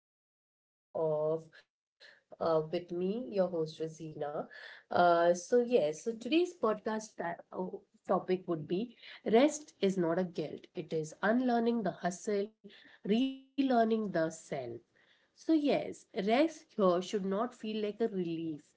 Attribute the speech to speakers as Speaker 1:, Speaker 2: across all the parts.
Speaker 1: to yet another episode of with me, your host Rosina. So today's podcast topic would be rest is not a guilt. It is unlearning the hustle, relearning the self. So, yes, rest here should not feel like a release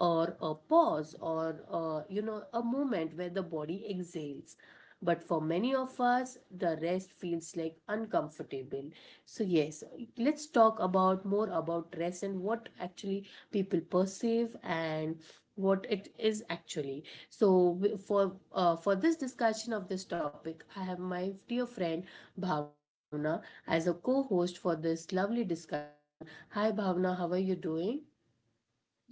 Speaker 1: or a pause or, a moment where the body exhales. But for many of us, the rest feels like uncomfortable. So, yes, let's talk about more about dress and what actually people perceive and what it is actually. So for this discussion of this topic, I have my dear friend Bhavna as a co-host for this lovely discussion. Hi Bhavna, how are you doing?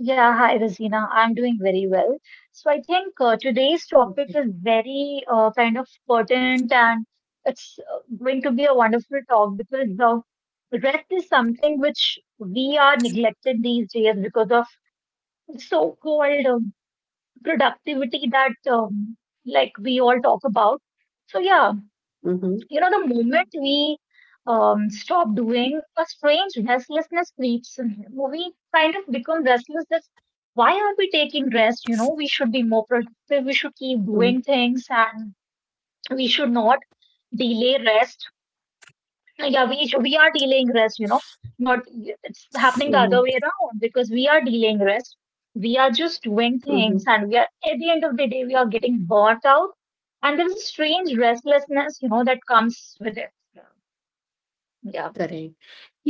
Speaker 2: Yeah, hi Rosina. I'm doing very well. So I think today's
Speaker 1: Okay.
Speaker 2: topic is very kind of pertinent and it's going to be a wonderful talk because the rest is something which we are neglected these days because of so-called productivity that like we all talk about. So yeah,
Speaker 1: Mm-hmm.
Speaker 2: you know, the moment we stop doing, a strange restlessness creeps in him. We kind of become restless that why are we taking rest? You know, we should be more productive, we should keep doing things, and we should not delay rest. Yeah, we are delaying rest, you know, not it's happening the
Speaker 1: Mm-hmm.
Speaker 2: other way around because we are delaying rest. We are just doing
Speaker 1: Mm-hmm.
Speaker 2: things, and we are at the end of the day, we are getting burnt out. And there's a strange restlessness, you know, that comes with it. Yeah.
Speaker 1: Correct.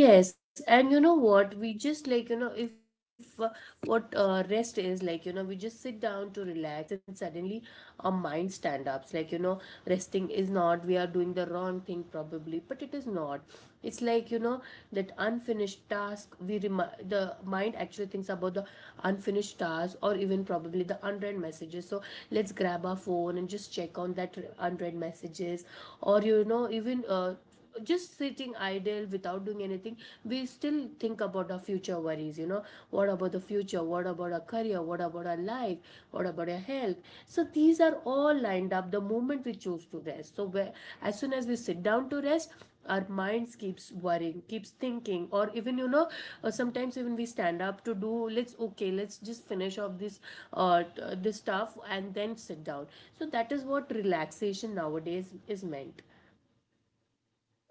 Speaker 1: Yes, and you know what? We just like, if what rest is like, we just sit down to relax and suddenly our mind stand ups. Like, resting is not, we are doing the wrong thing probably, but it is not. It's like, that unfinished task, we the mind actually thinks about the unfinished task or even probably the unread messages. So let's grab our phone and just check on that unread messages or, even just sitting idle without doing anything, we still think about our future worries. What about the future, what about our career, what about our life, what about our health? So these are all lined up the moment we choose to rest. So where, as soon as we sit down to rest, our minds keeps worrying, keeps thinking, or even sometimes even we stand up to do. Let's okay, let's just finish off this this stuff and then sit down. So that is what relaxation nowadays is meant.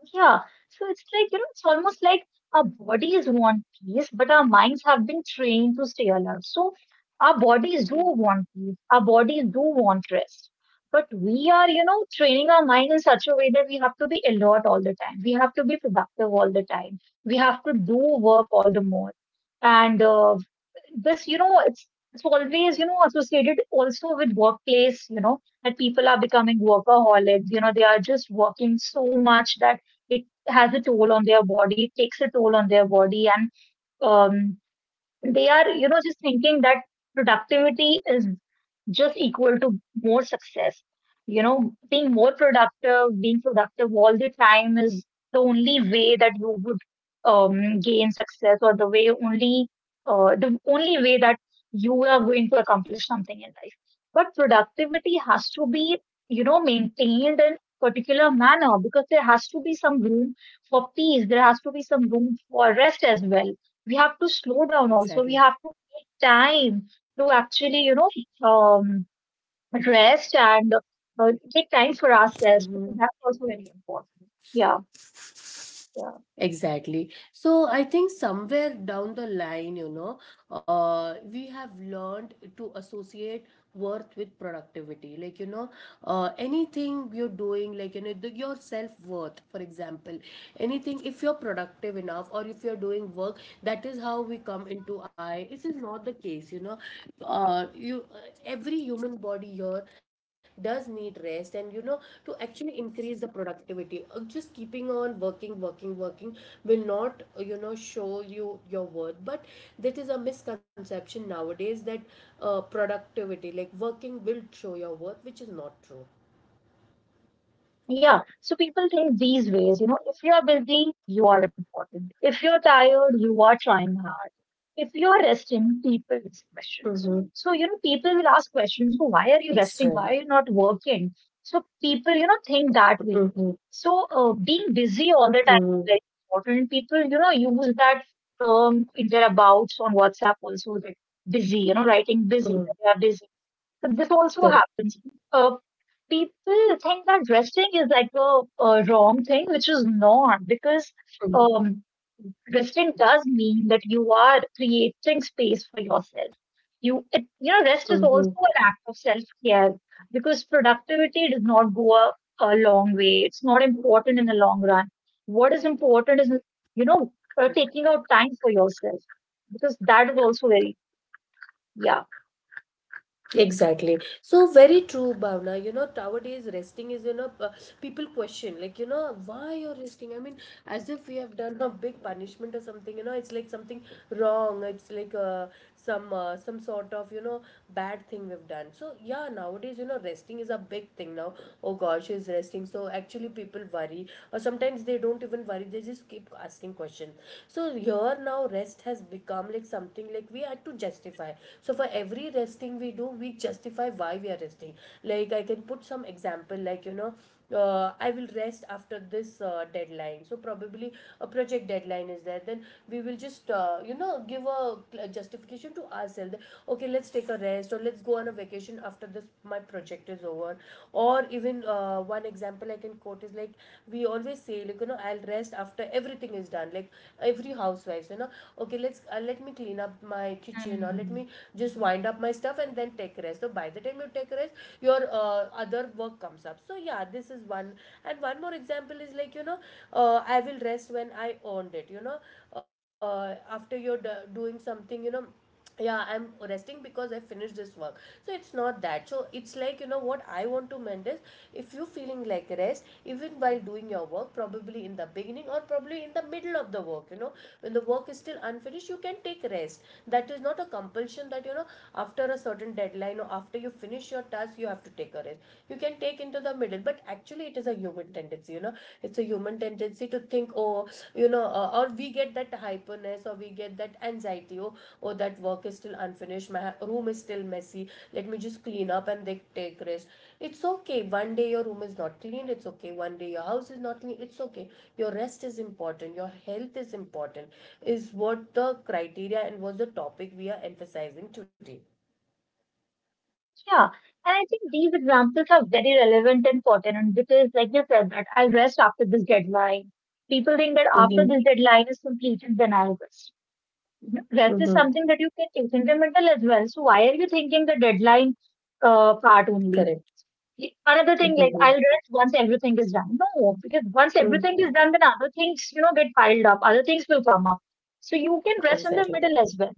Speaker 2: Yeah. So it's like, you know, it's almost like our bodies want peace, but our minds have been trained to stay alert. So our bodies do want peace, our bodies do want rest. But we are, you know, training our mind in such a way that we have to be alert all the time. We have to be productive all the time. We have to do work all the more. And this, you know, it's always, you know, associated also with workplace, you know, that people are becoming workaholics. You know, they are just working so much that it has a toll on their body, it takes a toll on their body, and um, they are you know just thinking that productivity is just equal to more success you know being more productive being productive all the time is the only way that you would gain success or the way only the only way that you are going to accomplish something in life but productivity has to be you know maintained in particular manner because there has to be some room for peace there has to be some room for rest as well we have to slow down also. We have
Speaker 1: Exactly.
Speaker 2: to take time to actually, you know, um, rest and take time for ourselves because
Speaker 1: Mhm.
Speaker 2: that's also very important. Yeah. Yeah.
Speaker 1: Exactly. So I think somewhere down the line, we have learned to associate worth with productivity. Like, anything you're doing, like, the, your self-worth, for example, anything, if you're productive enough or if you're doing work, that is how we come into I. This is not the case, you know. Know you every human body here does need rest, and to actually increase the productivity. Just keeping on working will not show you your worth, but that is a misconception nowadays that productivity like working will show your worth, which is not true.
Speaker 2: Yeah, so people think these ways, you know, if you're busy, you are important. If you're tired, you are trying hard. If you're resting, people ask
Speaker 1: Mm-hmm.
Speaker 2: questions. So, you know, people will ask questions, so why are you
Speaker 1: Exactly.
Speaker 2: resting? Why are you not working? So people, you know, think that
Speaker 1: Mm-hmm.
Speaker 2: way. So being busy all the
Speaker 1: Mm-hmm.
Speaker 2: time is very important. People, you know, use that term in their abouts on WhatsApp also, that busy, you know, writing busy, that they are busy this
Speaker 1: Correct.
Speaker 2: also happens. Uh, people think that resting is like a wrong thing, which is not, because um, resting does mean that you are creating space for yourself. You, it, you know, rest is
Speaker 1: Mm-hmm.
Speaker 2: also an act of self care because productivity does not go a long way. It's not important in the long run. What is important is, you know, taking out time for yourself because that is also very, yeah, yes.
Speaker 1: Exactly. So very true, Bhavna. Nowadays resting is, people question, like, why you're resting? I mean, as if we have done a big punishment or something, it's like something wrong. It's like some sort of, bad thing we've done. So yeah, nowadays, resting is a big thing now. Oh gosh, is resting. So actually people worry or sometimes they don't even worry. They just keep asking questions. So here now rest has become like something like we had to justify. So for every resting we do, we justify why we are resting. Like, I can put some example like I will rest after this deadline. So probably a project deadline is there, then we will just give a justification to ourselves. Okay, let's take a rest or let's go on a vacation after this, my project is over. Or even one example I can quote is like, we always say like I'll rest after everything is done. Like every housewife, okay, let me clean up my kitchen or let me just wind up my stuff and then take rest. So by the time you take rest, your other work comes up. So yeah, this is one. And one more example is like I will rest when I earned it, uh, after you're doing something, yeah, I'm resting because I finished this work. So it's not that. So it's like what I want to mend is, if you feeling like rest even while doing your work, probably in the beginning or probably in the middle of the work, when the work is still unfinished, you can take rest. That is not a compulsion that after a certain deadline or after you finish your task you have to take a rest. You can take into the middle. But actually it is a human tendency, it's a human tendency to think, oh, or we get that hyperness or we get that anxiety, oh, that work is still unfinished, my room is still messy, let me just clean up and they take rest. It's okay one day your room is not clean, it's okay one day your house is not clean, it's okay. Your rest is important, your health is important, is what the criteria and was the topic we are emphasizing today.
Speaker 2: Yeah, and I think these examples are very relevant and pertinent because, like you said, that I'll rest after this deadline. People think that
Speaker 1: Mhm,
Speaker 2: after this deadline is completed, then I'll rest. You know, Rest
Speaker 1: mhm,
Speaker 2: is something that you can take incremental as well. So why are you thinking the deadline part only?
Speaker 1: correct.
Speaker 2: Another thing, like
Speaker 1: Mhm,
Speaker 2: I'll rest once everything is done. No, because once
Speaker 1: mhm,
Speaker 2: everything is done, then other things, you know, get piled up. Other things will come up. So you can rest in the
Speaker 1: exactly.
Speaker 2: middle as well.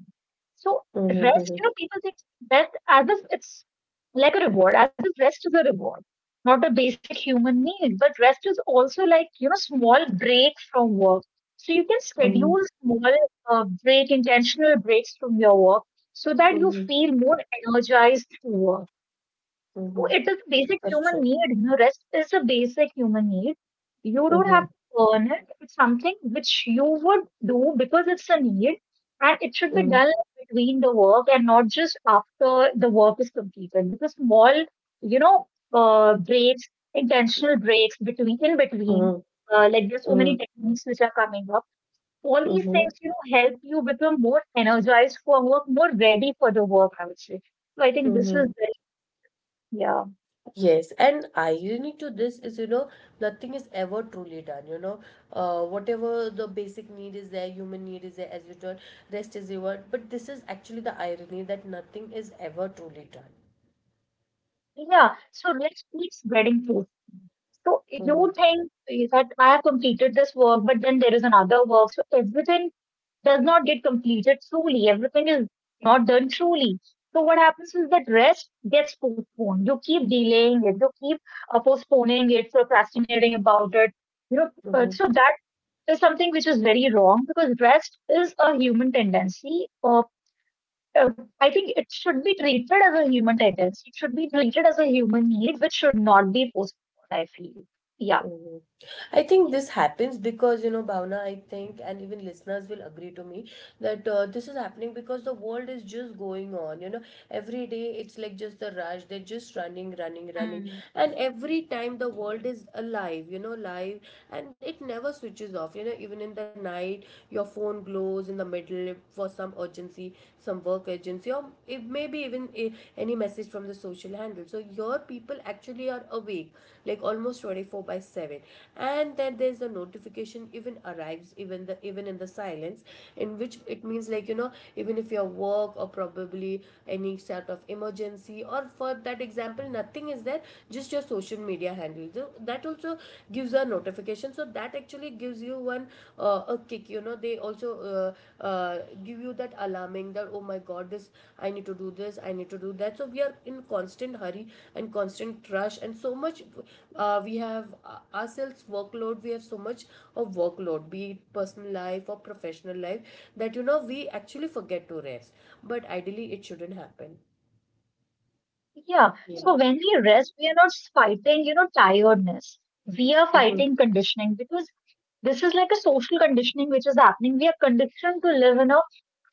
Speaker 2: So
Speaker 1: Mhm,
Speaker 2: rest,
Speaker 1: mhm,
Speaker 2: you know, people think rest as if it's like a reward, as if rest is a reward, not a basic human need. But rest is also like, you know, small break from work. So you can
Speaker 1: mhm,
Speaker 2: schedule small break, intentional breaks from your work so that you
Speaker 1: mhm,
Speaker 2: feel more energized to work so
Speaker 1: mhm.
Speaker 2: it is a basic
Speaker 1: That's
Speaker 2: human
Speaker 1: true.
Speaker 2: need. You know, rest is a basic human need. You don't
Speaker 1: Mhm,
Speaker 2: have to earn it. It's something which you would do because it's a need, and it should be
Speaker 1: mhm,
Speaker 2: done between the work and not just after the work is completed. Because small, you know, breaks, intentional breaks between in between,
Speaker 1: mhm,
Speaker 2: like there's so many
Speaker 1: mhm,
Speaker 2: techniques which are coming up. All these
Speaker 1: mhm,
Speaker 2: things, you know, help you become more energized for work, more ready for the work. I would say. So I think this is
Speaker 1: mhm.
Speaker 2: very yeah.
Speaker 1: Yes, and irony to this is, nothing is ever truly done. Whatever the basic need is there, human need is there, as you told, rest is reward. But this is actually the irony that nothing is ever truly done.
Speaker 2: Yeah, so let's keep spreading truth. So
Speaker 1: Mm-hmm.
Speaker 2: you think that I have completed this work, but then there is another work. So everything does not get completed truly. Everything is not done truly. So what happens is that rest gets postponed. You keep delaying it. You keep postponing it, procrastinating about it. You know,
Speaker 1: Mm-hmm.
Speaker 2: so that is something which is very wrong because rest is a human tendency. Uh, I think it should be treated as a human tendency. It should be treated as a human need, which should not be postponed. I feel. Yeah.
Speaker 1: Mhm. I think
Speaker 2: Yes.
Speaker 1: this happens because, Bhavna, I think, and even listeners will agree to me that this is happening because the world is just going on. Every day it's like just the rush. They're just running
Speaker 2: Mm.
Speaker 1: and every time the world is alive, live, and it never switches off, even in the night your phone glows in the middle for some urgency, some work urgency, or it may be even any message from the social handle. So your people actually are awake like almost 24/7. And then there's a notification even arrives, even in the silence, in which it means like even if your work or probably any sort of emergency or for that example nothing is there, just your social media handle. So that also gives a notification, so that actually gives you one a kick, they also uh, give you that alarming, that oh my god, this, I need to do this, I need to do that. So we are in constant hurry and constant rush, and so much we have ourselves workload, we have so much of workload, be it personal life or professional life, that we actually forget to rest. But ideally it shouldn't happen.
Speaker 2: Yeah.
Speaker 1: You Yeah.
Speaker 2: So when we rest, we are not fighting, you know, tiredness. We are
Speaker 1: know
Speaker 2: fighting conditioning because this is like a social conditioning which is happening. We are conditioned to live in a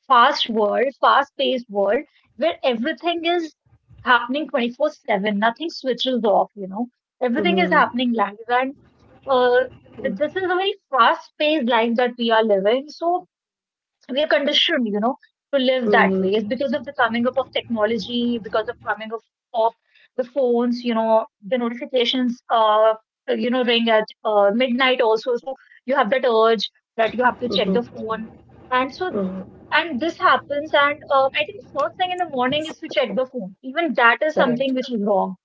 Speaker 2: fast world, fast paced world where everything is happening 24/7, nothing switches off, you know, everything is
Speaker 1: Mhm.
Speaker 2: happening live. And uh, this is a very fast paced life that we are living. So we are conditioned, you know, to live that
Speaker 1: Mhm.
Speaker 2: way because of the coming up of technology, because of coming up of the phones, you know, the notifications, you know, ring at midnight also. So you have that urge that you have to check the
Speaker 1: Mhm.
Speaker 2: phone, and so
Speaker 1: Mhm.
Speaker 2: and this happens. And I think first thing in the morning is to check the phone. Even that is
Speaker 1: Correct,
Speaker 2: something which is wrong.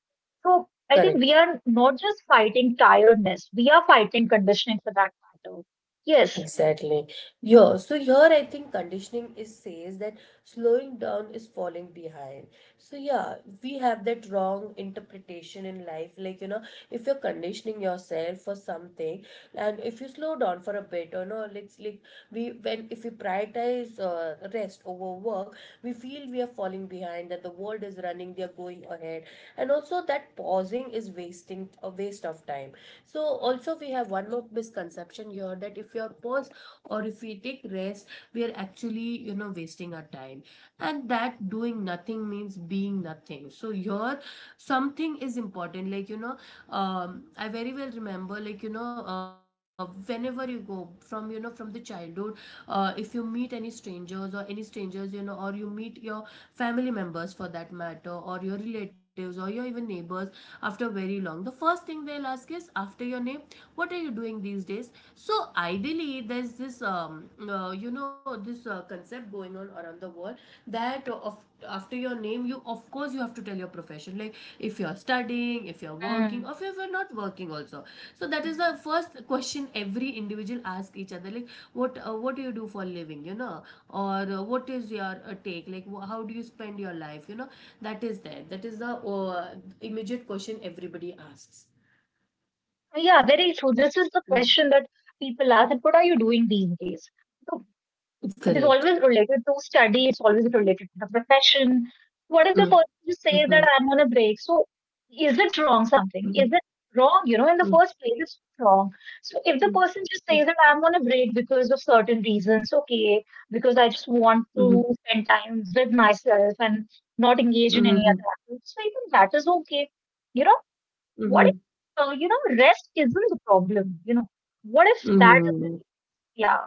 Speaker 2: So I think
Speaker 1: correct.
Speaker 2: we are not just fighting tiredness; we are fighting conditioning for that matter. Yes.
Speaker 1: Exactly. Yeah, so here I think conditioning is says that slowing down is falling behind. So yeah, we have that wrong interpretation in life. Like, if you're conditioning yourself for something and if you slow down for a bit or no, let's like, we when if we prioritize rest over work, we feel we are falling behind, that the world is running, they are going ahead. And also that pausing is wasting a waste of time. So also we have one more misconception here that if we are pause or if we take rest, we are actually wasting our time. And that doing nothing means being nothing. So your something is important. Like I very well remember like whenever you go from from the childhood, if you meet any strangers or any strangers, or you meet your family members, for that matter, or your relatives or your even neighbors after very long, the first thing they'll ask is after your name, what are you doing these days? So ideally there's this this concept going on around the world, that of after your name you of course you have to tell your profession. Like if you're studying, if you're working,
Speaker 2: Mm.
Speaker 1: or if you're not working also. So that is the first question every individual asks each other, like what do you do for a living, or what is your take, like how do you spend your life, that is there, that is the immediate question everybody asks.
Speaker 2: Yeah, very true. This is the question that people ask that what are you doing these days? So it is
Speaker 1: Correct.
Speaker 2: always related to study, it's always related to the profession. What if
Speaker 1: Mm,
Speaker 2: the person just says
Speaker 1: mhm,
Speaker 2: that I'm on a break? So is it wrong something?
Speaker 1: mhm,
Speaker 2: Is it wrong? You know, in the
Speaker 1: mm,
Speaker 2: first place, it's wrong. So if the
Speaker 1: mm,
Speaker 2: person just says
Speaker 1: okay,
Speaker 2: that I'm on a break because of certain reasons, okay, because I just want
Speaker 1: mhm,
Speaker 2: to spend time with myself and not engage in any
Speaker 1: mhm,
Speaker 2: other activities, so I think that is okay. You know what if,
Speaker 1: mhm,
Speaker 2: you know, rest isn't the problem? You know, what if that is,
Speaker 1: mhm.
Speaker 2: yeah,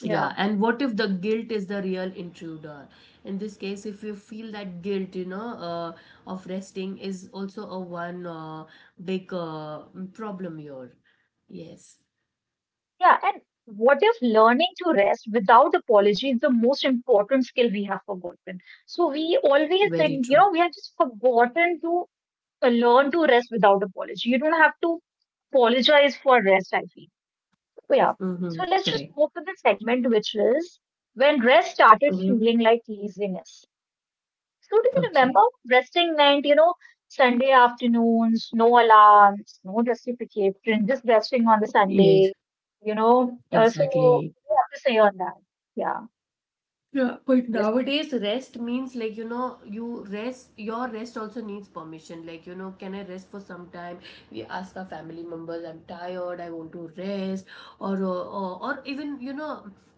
Speaker 2: yeah,
Speaker 1: Yeah, and what if the guilt is the real intruder? In this case, if you feel that guilt, of resting is also a one big problem here. Yes,
Speaker 2: yeah. And what if learning to rest without apology is the most important skill we have forgotten? So we always
Speaker 1: very true.
Speaker 2: think, you know, we have just forgotten to learn to rest without apology. You don't have to apologize for rest, I feel. So, yeah. So
Speaker 1: Mm-hmm,
Speaker 2: let's just
Speaker 1: correct.
Speaker 2: move to the segment, which is when rest started
Speaker 1: Mhm.
Speaker 2: feeling like laziness. So do you remember?
Speaker 1: Okay.
Speaker 2: Resting meant, you know, Sunday afternoons, no alarms, no justification, just resting on the Sunday,
Speaker 1: Yes,
Speaker 2: you know. So what
Speaker 1: exactly.
Speaker 2: do you have to say on that? Yeah.
Speaker 1: Yeah, but
Speaker 2: Yes.
Speaker 1: nowadays rest means like, your rest also needs permission. Like, can I rest for some time? We ask our family members, I'm tired, I want to rest. Or even,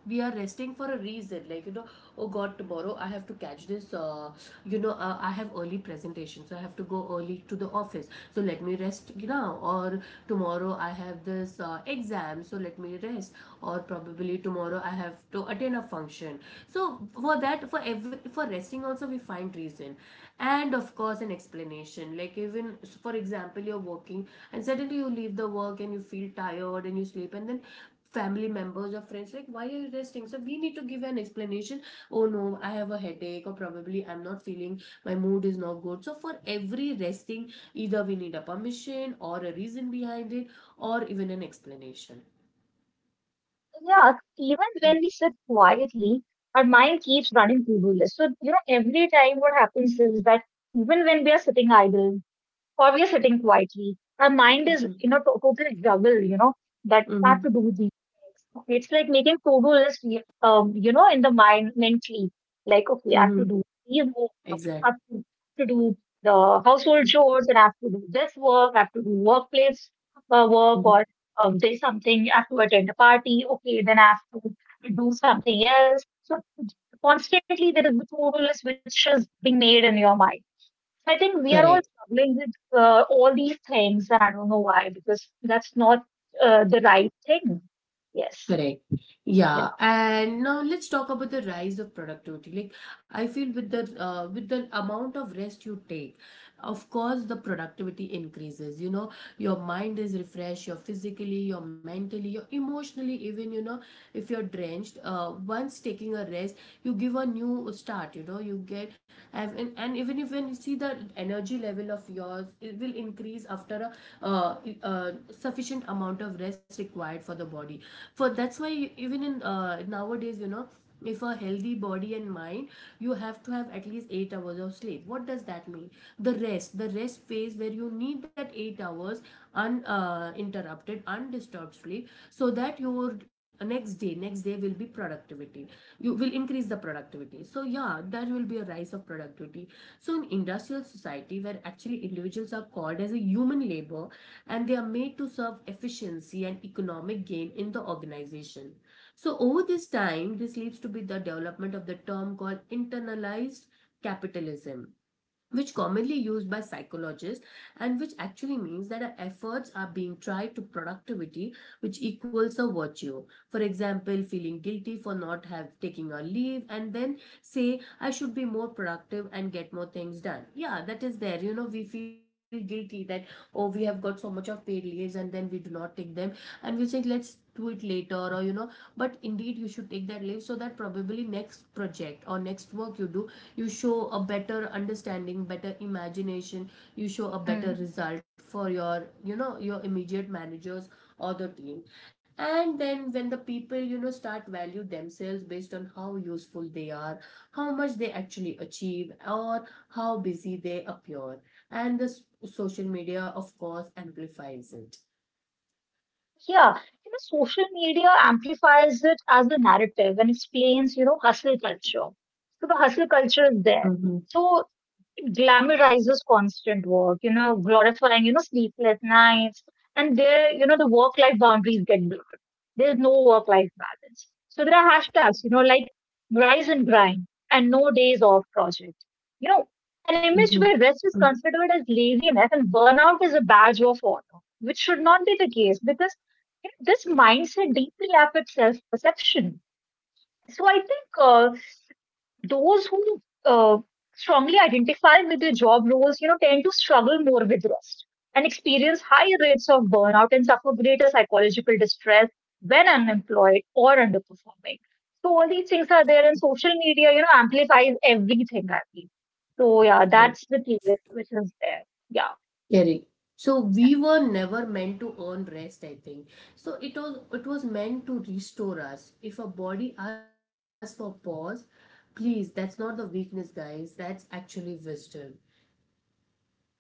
Speaker 1: we are resting for a reason. Like, oh god, tomorrow I have to catch this, I have early presentation, so I have to go early to the office, so let me rest, or tomorrow I have this exam, so let me rest, or probably tomorrow I have to attend a function. So for that, for every, for resting also we find reason. And of course an explanation, like even, for example, you're working and suddenly you leave the work and you feel tired and you sleep, and then family members or friends like, why are you resting? So we need to give an explanation. Oh no, I have a headache, or probably I'm not feeling, my mood is not good. So for every resting, either we need a permission or a reason behind it, or even an explanation.
Speaker 2: So, Yeah. Even when we sit quietly, our mind keeps running to-do lists. So, you know, every time what happens is that even when we are sitting idle, or we are sitting quietly. Our mind is
Speaker 1: Mm-hmm.
Speaker 2: in a total juggle, you know, that I have
Speaker 1: Mm-hmm.
Speaker 2: to do these things. It's like making to-do list, you know, in the mind mentally. Like, okay, I have to
Speaker 1: Mm-hmm.
Speaker 2: do these work,
Speaker 1: Exactly.
Speaker 2: have to, to do the household chores, and I have to do this work, I have to do workplace work, or
Speaker 1: Mhm.
Speaker 2: there's something, I have to attend a party. Okay, then I have to do something else. So constantly there is the to-do list which is being made in your mind. So I think we are
Speaker 1: correct,
Speaker 2: all struggling with all these things, and I don't know why, because that's not the right thing. Yes.
Speaker 1: Correct.
Speaker 2: Yeah.
Speaker 1: Yeah, and now let's talk about the rise of productivity. Like, I feel with the, with the amount of rest you take, of course the productivity increases. You know, your mind is refreshed, you're physically, you're mentally, you're emotionally, even, if you're drenched, once taking a rest, you give a new start. You know, you get have, and even if, when you see the energy level of yours, it will increase after a uh, sufficient amount of rest required for the body. For that's why even in, nowadays, you know, if a healthy body and mind, you have to have at least 8 hours of sleep. What does that mean? The rest phase, where you need that 8 hours uninterrupted, undisturbed sleep, so that your next day will be productivity, you will increase the productivity. So yeah, there will be a rise of productivity. So in industrial society, where actually individuals are called as a human labor, and they are made to serve efficiency and economic gain in the organization, so over this time, this leads to be the development of the term called internalized capitalism, which commonly used by psychologists, and which actually means that our efforts are being tried to productivity, which equals a virtue. For example, feeling guilty for not have taking a leave and then say I should be more productive and get more things done. Yeah, that is there. You know, we feel guilty that, oh, we have got so much of paid leaves and then we do not take them, and we say let's do it later, or but indeed you should take that leave, so that probably next project or next work you do, you show a better understanding, better imagination, you show a better
Speaker 2: Mm.
Speaker 1: result for your, you know, your immediate managers or the team. And then when the people, you know, start value themselves based on how useful they are, how much they actually achieve, or how busy they appear. And the social media of course amplifies it.
Speaker 2: Yeah, you know, social media amplifies it as a narrative and explains, you know, hustle culture. So the hustle culture is
Speaker 1: Mm-hmm.
Speaker 2: there. So it glamorizes constant work, you know, glorifying, you know, sleepless nights. And there, you know, the work-life boundaries get There's no work life balance. So there are hashtags, you know, like rise and grind and no days off project. You know, an image
Speaker 1: Mm-hmm.
Speaker 2: where rest is considered as laziness and burnout is a badge of honor, which should not be the case because you know, this mindset deeply affects self perception. So I think those who strongly identify with their job roles, you know, tend to struggle more with rest and experience higher rates of burnout and suffer greater psychological distress when unemployed or underperforming. So all these things are there, and social media, you know, amplifies everything. I feel. So yeah,
Speaker 1: Correct.
Speaker 2: that's the case which is there. Yeah.
Speaker 1: Correct. So we were never meant to earn rest, I think. So it was meant to restore us. If a body asks for pause, please, that's not the weakness, guys. That's actually wisdom.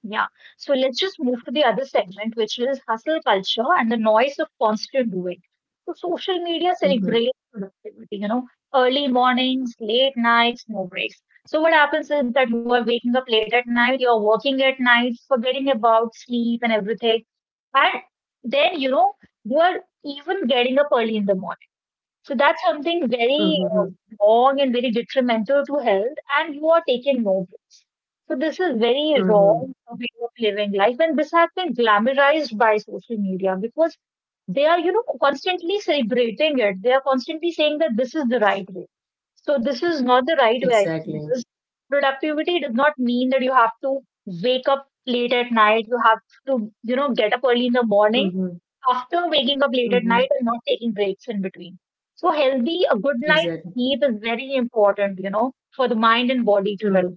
Speaker 2: Yeah. So let's just move to the other segment, which is hustle culture and the noise of constant doing. So social media celebrates productivity, you know, early mornings, late nights, no breaks. So what happens is that you are waking up late at night, you're working at night, forgetting about sleep and everything. And then, you know, you are even getting up early in the morning. So that's something
Speaker 1: Mm-hmm.
Speaker 2: very wrong and very detrimental to health, and you are taking no breaks. So this is a very
Speaker 1: Mm-hmm.
Speaker 2: wrong way of living life, and this has been glamorized by social media because they are, you know, constantly celebrating it. They are constantly saying that this is the right way. So this is not the right way
Speaker 1: Exactly.
Speaker 2: because productivity does not mean that you have to wake up late at night. You have to, you know, get up early in the morning
Speaker 1: Mm-hmm.
Speaker 2: after waking up late
Speaker 1: Mm-hmm.
Speaker 2: at night and not taking breaks in between. So healthy, a good
Speaker 1: Exactly.
Speaker 2: night's sleep is very important, you know, for the mind and body to
Speaker 1: Mm-hmm.
Speaker 2: relax.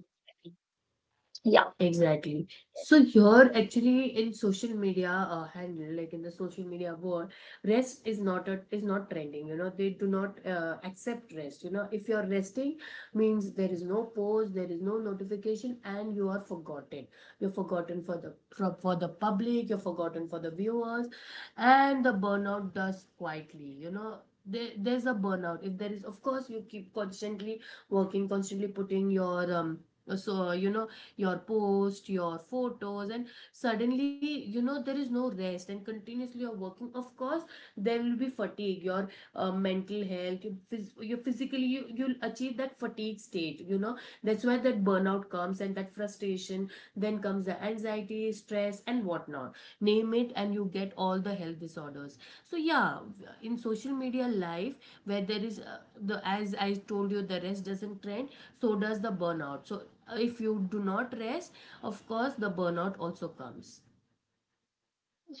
Speaker 2: Yeah.
Speaker 1: Exactly. So
Speaker 2: Yes.
Speaker 1: here, actually, in social media handle, like in the social media world, rest is not trending. You know, they do not accept rest. You know, if you are resting, means there is no post, there is no notification, and you are forgotten. You're forgotten for the for the public. You're forgotten for the viewers, and the burnout does quietly. You know, there's a burnout. If there is, of course, you keep constantly working, constantly putting your, so, you know, your post, your photos, and suddenly, you know, there is no rest and continuously you're working. Of course, there will be fatigue, your mental health, you physically, you'll achieve that fatigue state. You know, that's why that burnout comes, and that frustration, then comes the anxiety, stress, and whatnot. Name it, and you get all the health disorders. So yeah, in social media life, where there is, the, as I told you, the rest doesn't trend, so does the burnout. So if you do not rest, of course, the burnout also comes.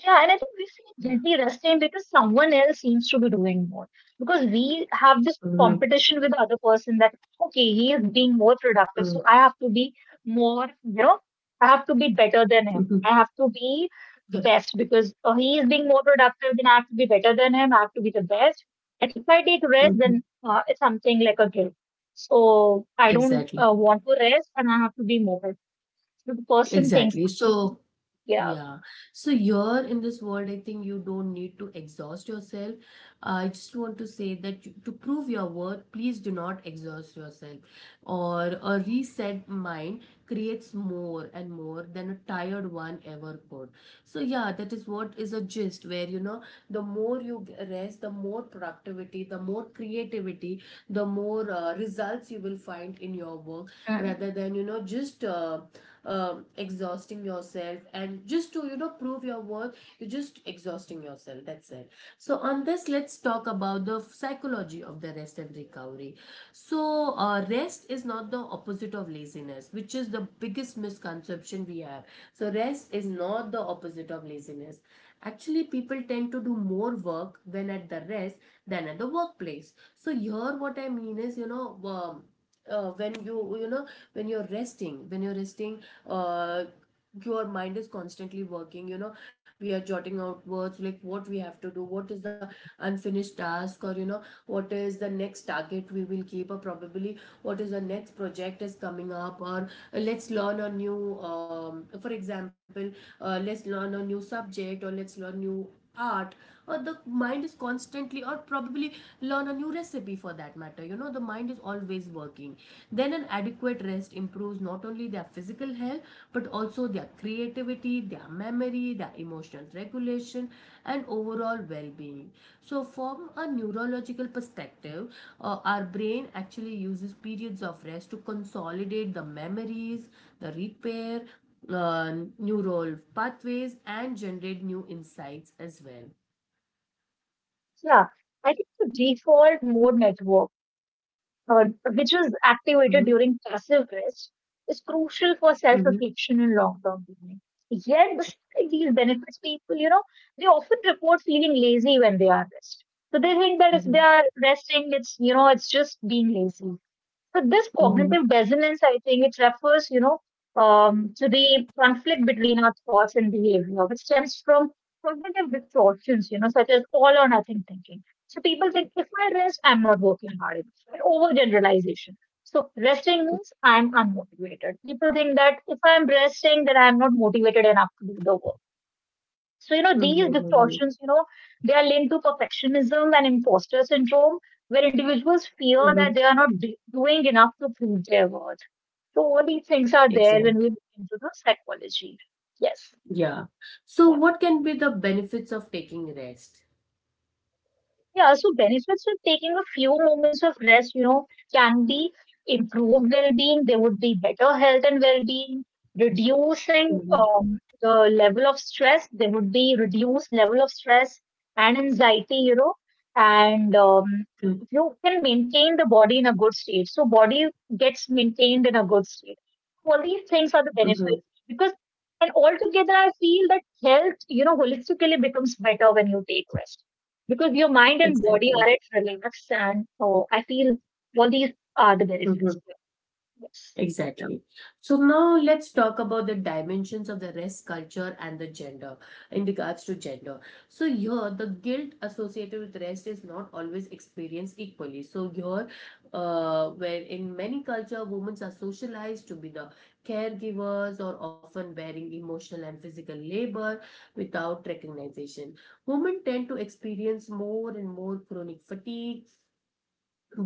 Speaker 2: Yeah, and I think we feel
Speaker 1: Yeah.
Speaker 2: guilty resting because someone else seems to be doing more. Because we have this
Speaker 1: Mm-hmm.
Speaker 2: competition with the other person that, okay, he is being more productive, so I have to be more, you know, I have to be better than
Speaker 1: Mm-hmm.
Speaker 2: him. I have to be the best because he is being more productive, then I have to be better than him. I have to be the best. And if I take rest, then it's something like a guilt. So I don't
Speaker 1: Exactly.
Speaker 2: want to rest and I have to be more. So the person thinks,
Speaker 1: Exactly. So
Speaker 2: yeah.
Speaker 1: yeah. So you're in this world, I think you don't need to exhaust yourself. I just want to say that, you, to prove your worth, please do not exhaust yourself. Or a reset mind creates more and more than a tired one ever could. So yeah, that is what is a gist, where, you know, the more you rest, the more productivity, the more creativity, the more results you will find in your work, rather than, you know, just, exhausting yourself, and just to, you know, prove your worth, you're just exhausting yourself. That's it. So on this, let's talk about the psychology of the rest and recovery. So rest is not the opposite of laziness, which is the biggest misconception we have. So rest is not the opposite of laziness. Actually, people tend to do more work when at the rest than at the workplace. So here what I mean is, you know, when you know, when you're resting, uh, your mind is constantly working. You know, we are jotting out words like, what we have to do, what is the unfinished task, or, you know, what is the next target we will keep, or probably what is the next project is coming up, or, let's learn a new, for example, let's learn a new subject, or let's learn new art, or the mind is constantly, or probably learn a new recipe, for that matter. You know, the mind is always working. Then an adequate rest improves not only their physical health, but also their creativity, their memory, their emotional regulation, and overall well-being. So from a neurological perspective, our brain actually uses periods of rest to consolidate the memories, the repair, neural pathways, and generate new insights as well.
Speaker 2: Yeah, I think the default mode network, uh, which is
Speaker 1: Mhm,
Speaker 2: activated during passive rest, is crucial for
Speaker 1: mhm,
Speaker 2: self-reflection and long-term planning. Yet, despite these benefits, people, you know, they often report feeling lazy when they are rest. So they think that if they
Speaker 1: mhm,
Speaker 2: are resting, it's, you know, it's just being lazy. So this
Speaker 1: mhm,
Speaker 2: cognitive dissonance, I think it refers, you know, to the conflict between our thoughts and behavior, which stems from cognitive distortions, you know, such as all or nothing thinking. So people think if I rest, I'm not working hard enough. An overgeneralization. So resting means I'm unmotivated. People think that if I'm resting, then I'm not motivated enough to do the work. So, you
Speaker 1: mhm,
Speaker 2: know, these
Speaker 1: mhm,
Speaker 2: distortions, you know, they are linked to perfectionism and imposter syndrome, where individuals
Speaker 1: mhm.
Speaker 2: fear that they are not doing enough to prove their worth. So, all these things are
Speaker 1: Exactly.
Speaker 2: there when we look into the psychology. Yes.
Speaker 1: Yeah. So,
Speaker 2: Yeah.
Speaker 1: what can be the benefits of taking rest?
Speaker 2: Yeah, so benefits of taking a few moments of rest, you know, can be improved well-being. There would be better health and well-being,
Speaker 1: Mhm,
Speaker 2: reducing the level of stress. There would be reduced level of stress and anxiety, you know, and
Speaker 1: mhm,
Speaker 2: you can maintain the body in a good state. So body gets maintained in a good state. All these things are the
Speaker 1: mhm.
Speaker 2: benefits because, and altogether, I feel that health, you know, holistically becomes better when you take rest because your mind and body
Speaker 1: Exactly.
Speaker 2: are at relax. And so I feel all these are the benefits.
Speaker 1: Mhm.
Speaker 2: Yeah. Yes.
Speaker 1: Exactly. So now let's talk about the dimensions of the race, culture, and the gender, in regards to gender. So here, the guilt associated with race is not always experienced equally. So here, where in many culture, women are socialized to be the caregivers, or often bearing emotional and physical labor without recognition. Women tend to experience more and more chronic fatigue,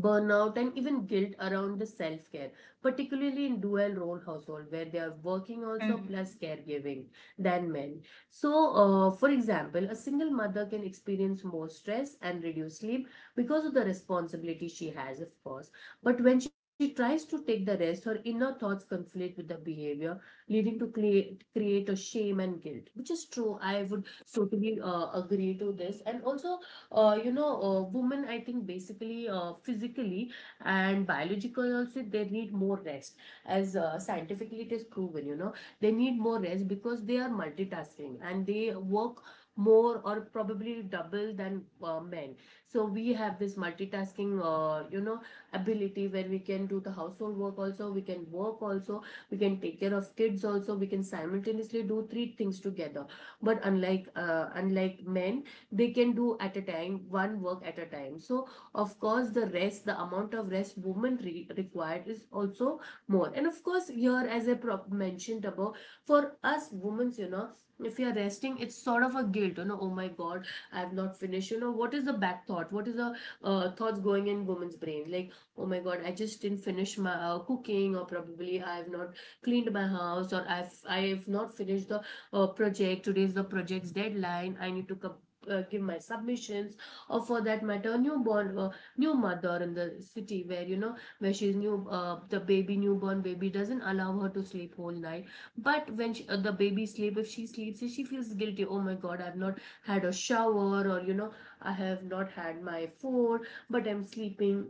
Speaker 1: burnout, and even guilt around the self-care, particularly in dual role household where they are working
Speaker 2: Yeah.
Speaker 1: also
Speaker 2: Mm.
Speaker 1: plus caregiving than men. So for example, a single mother can experience more stress and reduced sleep because of the responsibility she has, of course. But when she tries to take the rest, her inner thoughts conflict with the behavior, leading to create a shame and guilt, which is true. I would totally agree to this. And also, women, I think, basically, physically and biologically also, they need more rest, as scientifically it is proven. You know, they need more rest because they are multitasking, and they work more, or probably double than men. So we have this multitasking, ability, where we can do the household work also, we can work also, we can take care of kids also, we can simultaneously do three things together. But unlike men, they can do at a time, one work at a time. So, of course, the rest, the amount of rest women required is also more. And of course, here, as I mentioned above, for us women, you know, if you're resting, it's sort of a guilt. You know, oh my God, I have not finished. You know, what is the back thought? What is the thoughts going in women's brain? Like, oh my God, I just didn't finish my cooking, or probably I have not cleaned my house, or I have not finished the project. Today is the project's deadline. I need to complete give my submissions, or for that matter newborn, new mother in the city where, you know, where she's new, the baby, newborn baby doesn't allow her to sleep whole night. But when she, the baby sleep, if she sleeps she feels guilty. Oh my god, I've not had a shower, or you know, I have not had my food, but I'm sleeping.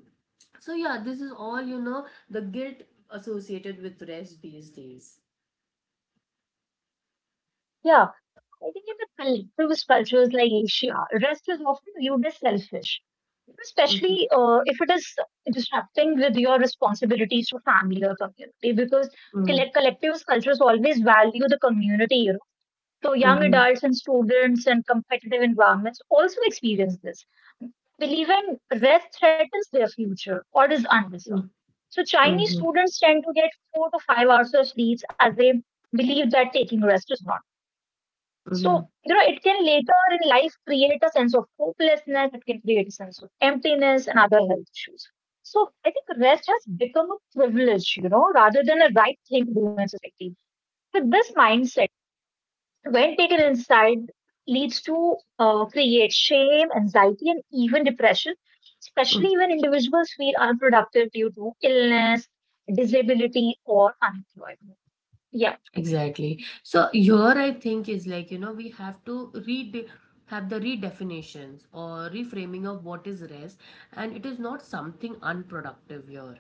Speaker 1: So yeah, this is all, the guilt associated with rest these days.
Speaker 2: Yeah, I think in the collectivist cultures like Asia, rest is often viewed as selfish,
Speaker 1: Mm-hmm.
Speaker 2: especially if it is disrupting with your responsibilities to family or community, because collectivist cultures always value the community, you know. So young
Speaker 1: Mm-hmm.
Speaker 2: adults and students and competitive environments also experience this. Believe in rest threatens their future or is undeserved. So Chinese
Speaker 1: Mm-hmm.
Speaker 2: students tend to get 4 to 5 hours of sleep as they believe that taking rest is not. So, you know,
Speaker 1: Mm-hmm.
Speaker 2: it can later in life create a sense of hopelessness, it can create a sense of emptiness and other health issues. So I think rest has become a privilege, you know, rather than a right thing to do in society. With this mindset, when taken inside leads to create shame, anxiety and even depression, especially when individuals feel unproductive due to illness, disability or unemployment. Yeah.
Speaker 1: Exactly. So here I think is like, you know, we have to read have the redefinitions or reframing of what is rest, and it is not something unproductive here.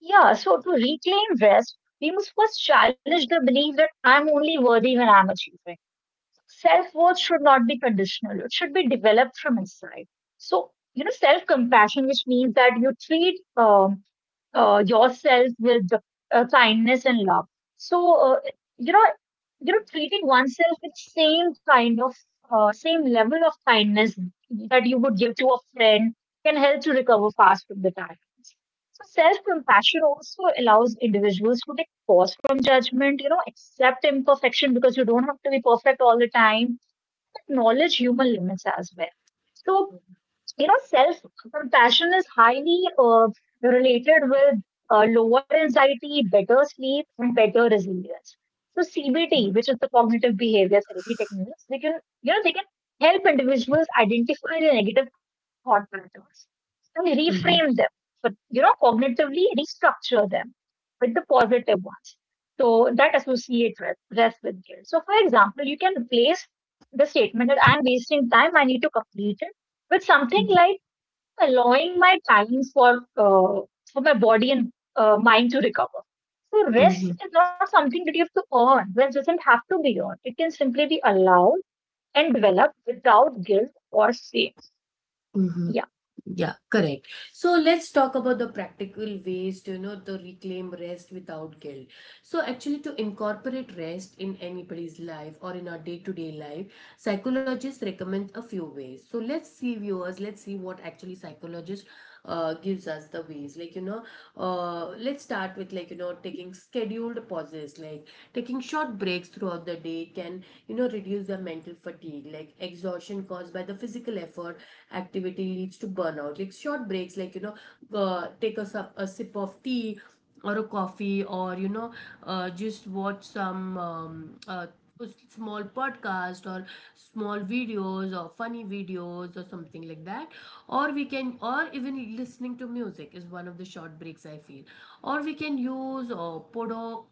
Speaker 2: Yeah, so to reclaim rest, we must first challenge the belief that I'm only worthy when I'm achieving. Self-worth should not be conditional, it should be developed from inside. So you know, self-compassion, which means that you treat yourself with kindness and love. So you know, you know, treating oneself with same kind of same level of kindness that you would give to a friend can help to recover fast from the tiredness. So self-compassion also allows individuals to take pause from judgment. You know, accept imperfection, because you don't have to be perfect all the time, acknowledge human limits as well. So, you know, self compassion is highly related with lower anxiety, better sleep, and better resilience. So CBT, which is the cognitive behavior therapy techniques, they can they can help individuals identify the negative thought patterns and reframe
Speaker 1: Mm-hmm.
Speaker 2: them. So you know, cognitively restructure them with the positive ones. So that associate rest, rest with guilt. So for example, you can replace the statement that I'm wasting time, I need to complete it with something like allowing my time for my body and mind to recover. So
Speaker 1: Mm-hmm.
Speaker 2: rest is not something that you have to earn. Rest doesn't have to be earned. It can simply be allowed and developed without guilt or shame.
Speaker 1: Mm-hmm.
Speaker 2: Yeah.
Speaker 1: Yeah, correct. So let's talk about the practical ways to, you know, to reclaim rest without guilt. So actually, to incorporate rest in anybody's life or in our day-to-day life, psychologists recommend a few ways. So let's see, viewers, let's see what actually psychologist gives us the ways. Like, you know, let's start with, like, you know, taking scheduled pauses, like taking short breaks throughout the day can, you know, reduce the mental fatigue, like exhaustion caused by the physical effort activity leads to burnout. Like short breaks, like, you know, take a sip of tea or a coffee, or you know, just watch some small podcast, or small videos, or funny videos, or something like that. Or we can, or even listening to music is one of the short breaks, I feel. Or we can use, or podo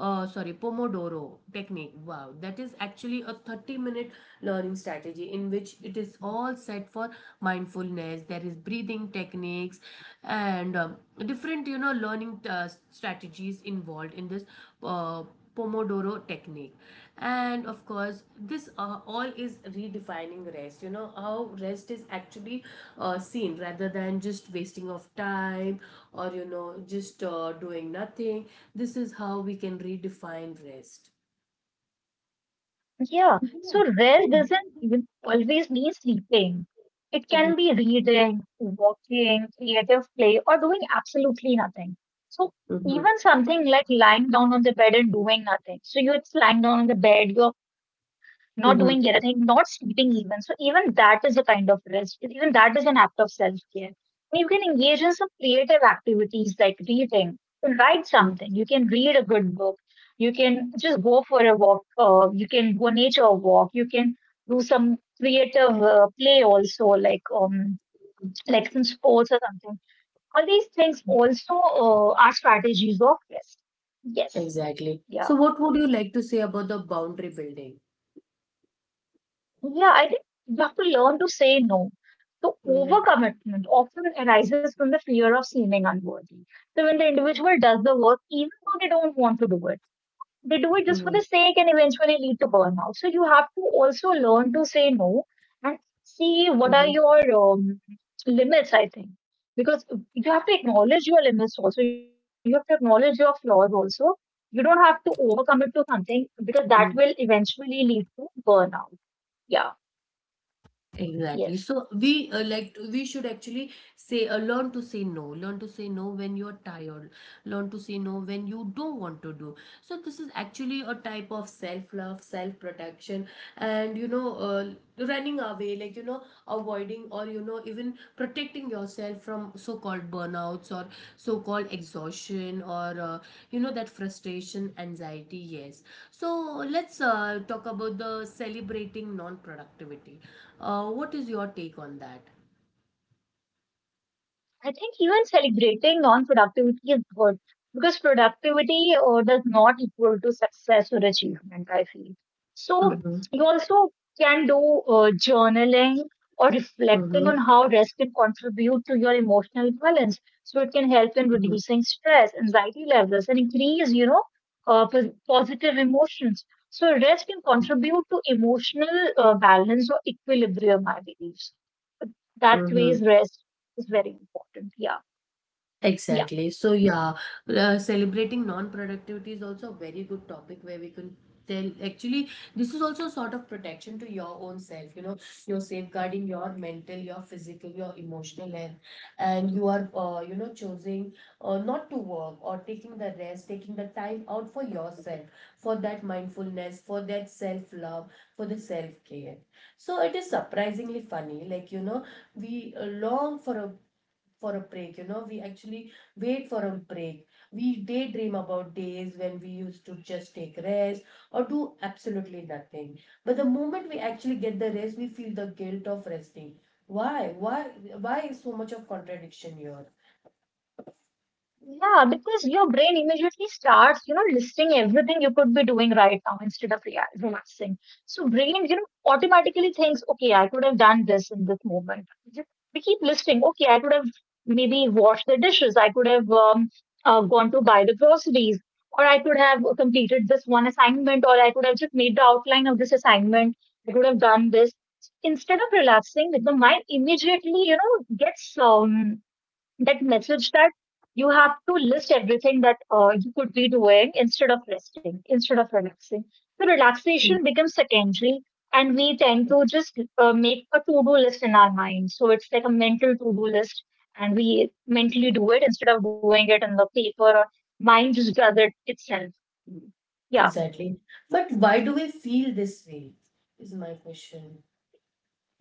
Speaker 1: sorry, Pomodoro technique. Wow, that is actually a 30-minute learning strategy in which it is all set for mindfulness. There is breathing techniques and, different, you know, learning strategies involved in this uh, Pomodoro technique. And of course this all is redefining rest, you know, how rest is actually seen, rather than just wasting of time, or you know, just doing nothing. This is how we can redefine rest.
Speaker 2: Yeah,
Speaker 1: Yeah.
Speaker 2: so
Speaker 1: See,
Speaker 2: rest doesn't even always mean sleeping. It can
Speaker 1: Mhm.
Speaker 2: be reading, walking, creative play, or doing absolutely nothing. So
Speaker 1: Mhm.
Speaker 2: even something like lying down on the bed and doing nothing. So you're just lying down on the bed, you're not doing
Speaker 1: Mhm.
Speaker 2: anything, not sleeping even. So even that is a kind of rest. Even that is an act of self-care. And you can engage in some creative activities like reading. You can write
Speaker 1: Mm.
Speaker 2: something. You can read a good book. You can just go for a walk. You can go on nature walk. You can do some creative play also, like some sports or something. All these things also are strategies of rest. Yes.
Speaker 1: Exactly. So,
Speaker 2: Yeah.
Speaker 1: what would you like to say about the boundary building?
Speaker 2: Yeah, I think you have to learn to say no. So
Speaker 1: Mm.
Speaker 2: overcommitment often arises from the fear of seeming unworthy. So when the individual does the work, even though they don't want to do it, they do it just for the
Speaker 1: Mhm.
Speaker 2: sake and eventually lead to burnout. So you have to also learn to say no and see what are
Speaker 1: Mhm.
Speaker 2: your limits, I think. Because you have to acknowledge your limits also. You have to acknowledge your flaws also. You don't have to overcommit to something because
Speaker 1: Mm.
Speaker 2: that will eventually lead to burnout. Yeah,
Speaker 1: Exactly.
Speaker 2: yes.
Speaker 1: So we should actually say, learn to say no. Learn to say no when you're tired. Learn to say no when you don't want to do. So, this is actually a type of self love, self protection, and you know, running away, like, you know, avoiding, or you know, even protecting yourself from so called burnouts or so called exhaustion, or you know, that frustration, anxiety. Yes. So, let's talk about the celebrating non productivity. What is your take on that?
Speaker 2: I think even celebrating non-productivity is good because productivity does not equal to success or achievement, I feel. So you also can do journaling or reflecting on
Speaker 1: Мгм.
Speaker 2: how rest can contribute to your emotional balance. So it can help in
Speaker 1: Мгм.
Speaker 2: reducing stress, anxiety levels, and increase, you know, positive emotions. So rest can contribute to emotional balance or equilibrium, I believe. That
Speaker 1: Мгм.
Speaker 2: ways rest is very important. Yeah. Yeah.
Speaker 1: Exactly. So yeah, celebrating non-productivity is also a very good topic where we can tell. Actually, this is also a sort of protection to your own self. You know, you're safeguarding your mental, your physical, your emotional health, and you are, you know, choosing not to work, or taking the rest, taking the time out for yourself, for that mindfulness, for that self-love, for the self-care. So it is surprisingly funny. Like, you know, we long for a break. You know, we actually wait for a break. We daydream about days when we used to just take rest or do absolutely nothing. But the moment we actually get the rest, we feel the guilt of resting. Why why why is so much of contradiction here?
Speaker 2: Yeah, because your brain immediately starts, you know, listing everything you could be doing right now instead of relaxing. So brain, you know, automatically thinks, okay, I could have done this in this moment. We keep listing, okay, I could have maybe washed the dishes. I could have gone to buy the groceries, or I could have completed this one assignment, or I could have just made the outline of this assignment. I could have done this. Instead of relaxing, the mind immediately, you know, gets um, that message that you have to list everything that you could be doing instead of resting, instead of relaxing. So
Speaker 1: Mm.
Speaker 2: relaxation becomes secondary, and we tend to just make a to-do list in our mind. So it's like a mental to-do list, and we mentally do it instead of doing it in the paper. Or mind just does it itself. Yeah.
Speaker 1: Exactly. But why do we feel this way is my question.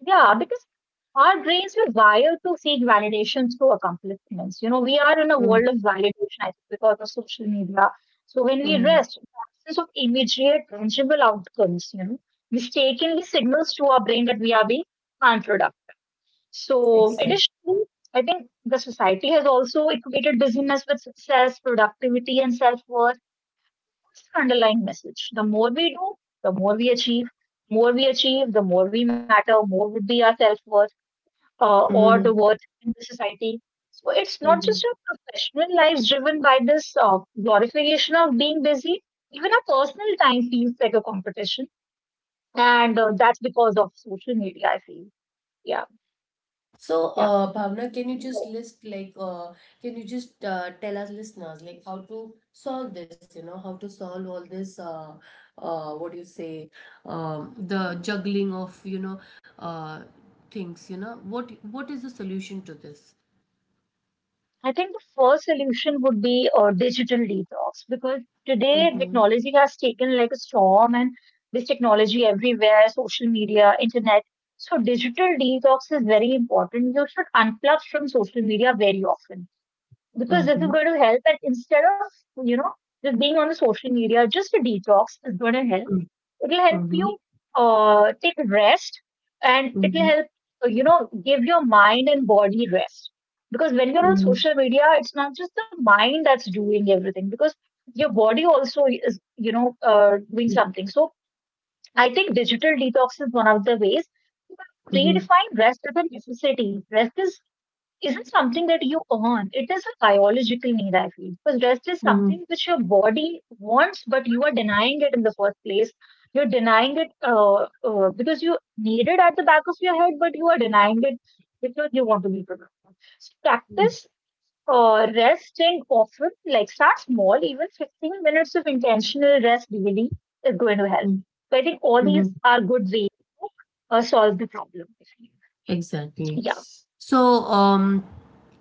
Speaker 2: Yeah, because our brains were wired to seek validation through accomplishments. You know, we are in a
Speaker 1: Mm.
Speaker 2: world of validation I think, because of social media. So when we
Speaker 1: Mm.
Speaker 2: rest, the absence of immediate tangible outcomes, you know, mistakenly signals to our brain that we are being unproductive. So
Speaker 1: Exactly.
Speaker 2: additionally, I think the society has also equated busyness with success, productivity, and self-worth. What's the underlying message? The more we do, the more we achieve. More we achieve, the more we matter, more would be our self worth or the
Speaker 1: Mhm.
Speaker 2: worth in the society. So it's not
Speaker 1: Mhm.
Speaker 2: just our professional lives driven by this glorification of being busy. Even our personal time feels like a competition, and that's because of social media. I feel, yeah,
Speaker 1: So,
Speaker 2: yeah.
Speaker 1: Bhavna,
Speaker 2: So
Speaker 1: can you just tell us listeners, like, how to solve this? You know, how to solve all this. What do you say? The juggling of, you know, uh, things. You know, what is the solution to this?
Speaker 2: I think the first solution would be a digital detox because today
Speaker 1: Mm-hmm.
Speaker 2: technology has taken like a storm, and this technology everywhere, social media, internet. So digital detox is very important. You should unplug from social media very often because this
Speaker 1: Mm-hmm.
Speaker 2: is going to help and instead of just being on the social media just a detox is going to help it'll help you
Speaker 1: Mm-hmm.
Speaker 2: take rest and it'll
Speaker 1: Mm-hmm.
Speaker 2: help give your mind and body rest because when you're on
Speaker 1: Mm-hmm.
Speaker 2: social media it's not just the mind that's doing everything because your body also is doing something. So I think digital detox is one of the ways.
Speaker 1: Mm-hmm.
Speaker 2: Redefine rest as a necessity. Rest is Isn't something that you earn. It is a biological need, I feel. Because rest is
Speaker 1: Mm-hmm.
Speaker 2: something which your body wants, but you are denying it in the first place. You're denying it because you need it at the back of your head, but you are denying it because you want to be productive. So practice resting often, like start small, even 15 minutes of intentional rest really is going to help. So I think all these
Speaker 1: Mm-hmm.
Speaker 2: are good ways to solve the problem. I feel.
Speaker 1: Exactly.
Speaker 2: Yeah.
Speaker 1: So, um.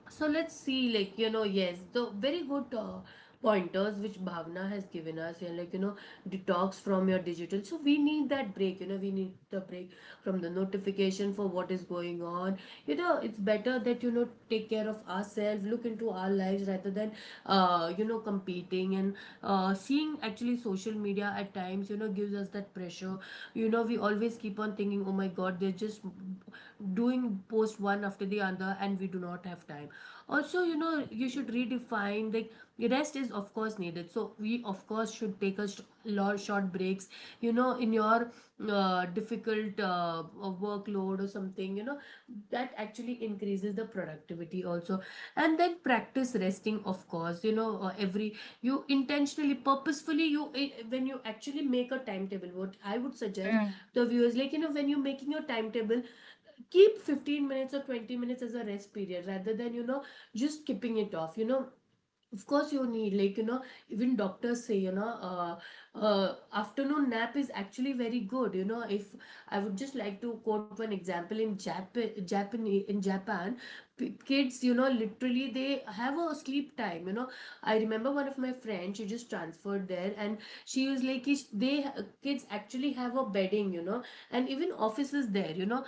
Speaker 1: So let's see, like, you know, yes, the very good pointers which Bhavna has given us, and, like, you know, detox from your digital. So we need that break. You know, we need the break from the notification for what is going on. You know, it's better that, you know, take care of ourselves, look into our lives, rather than, you know, competing, and seeing actually social media at times, you know, gives us that pressure. You know, we always keep on thinking, oh my God, they're just doing post one after the other, and we do not have time. Also, you know, you should redefine, like, rest is of course needed, so we of course should take a lot short breaks, you know, in your difficult workload or something, you know, that actually increases the productivity also. And then, practice resting, of course. You know, every, you intentionally purposefully, you when you actually make a timetable, what I would suggest
Speaker 2: Mm.
Speaker 1: the viewers, like, you know, when you're making your timetable, keep 15 minutes or 20 minutes as a rest period, rather than, you know, just skipping it off. You know, of course you need, like, you know, even doctors say, you know, afternoon nap is actually very good. You know, if I would just like to quote one example, in Japan, kids, you know, literally they have a sleep time. You know, I remember one of my friends, she just transferred there and she was like, they kids actually have a bedding, you know, and even offices there, you know,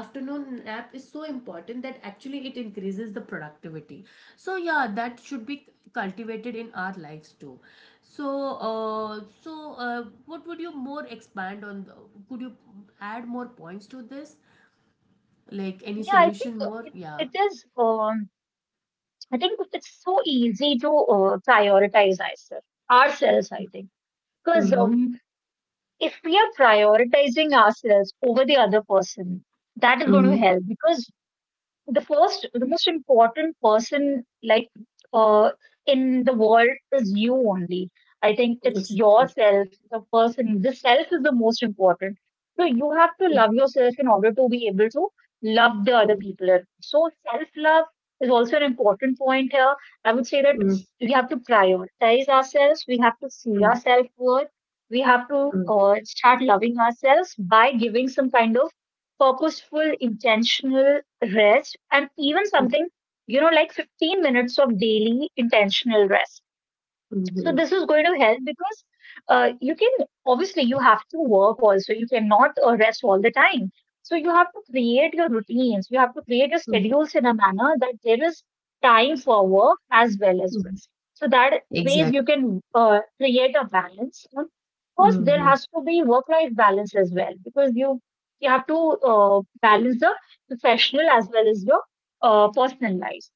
Speaker 1: afternoon nap is so important that actually it increases the productivity." So yeah, that should be cultivated in our lives too. So, so what would you more expand on? The, could you add more points to this? Like, any
Speaker 2: Yeah, I think
Speaker 1: solution
Speaker 2: uh,
Speaker 1: more?
Speaker 2: it,
Speaker 1: Yeah.
Speaker 2: it is. I think it's so easy to prioritize ourselves. Ourselves, I think, because
Speaker 1: Mm-hmm.
Speaker 2: if we are prioritizing ourselves over the other person, that is going to
Speaker 1: Mm-hmm.
Speaker 2: help. Because the most important person, like, uh in the world is you only. I think it's yourself, the person, the self is the most important. So you have to love yourself in order to be able to love the other people. So self love is also an important point here. I would say that we have to prioritize ourselves, we have to see our
Speaker 1: Exactly.
Speaker 2: self worth, we have to
Speaker 1: Mm.
Speaker 2: start loving ourselves by giving some kind of purposeful, intentional rest, and even
Speaker 1: Mm.
Speaker 2: something, you know, like 15 minutes of daily intentional rest. So
Speaker 1: Mhm.
Speaker 2: this is going to help because you can obviously, you have to work also. You cannot rest all the time. So you have to create your routines. You have to create your
Speaker 1: Mm.
Speaker 2: schedules in a manner that there is time for work as well as
Speaker 1: Mhm.
Speaker 2: rest. So that ways
Speaker 1: Exactly.
Speaker 2: you can create a balance. And of course, there
Speaker 1: Mhm.
Speaker 2: has to be work-life balance as well because you have to balance the professional as well as your personal life.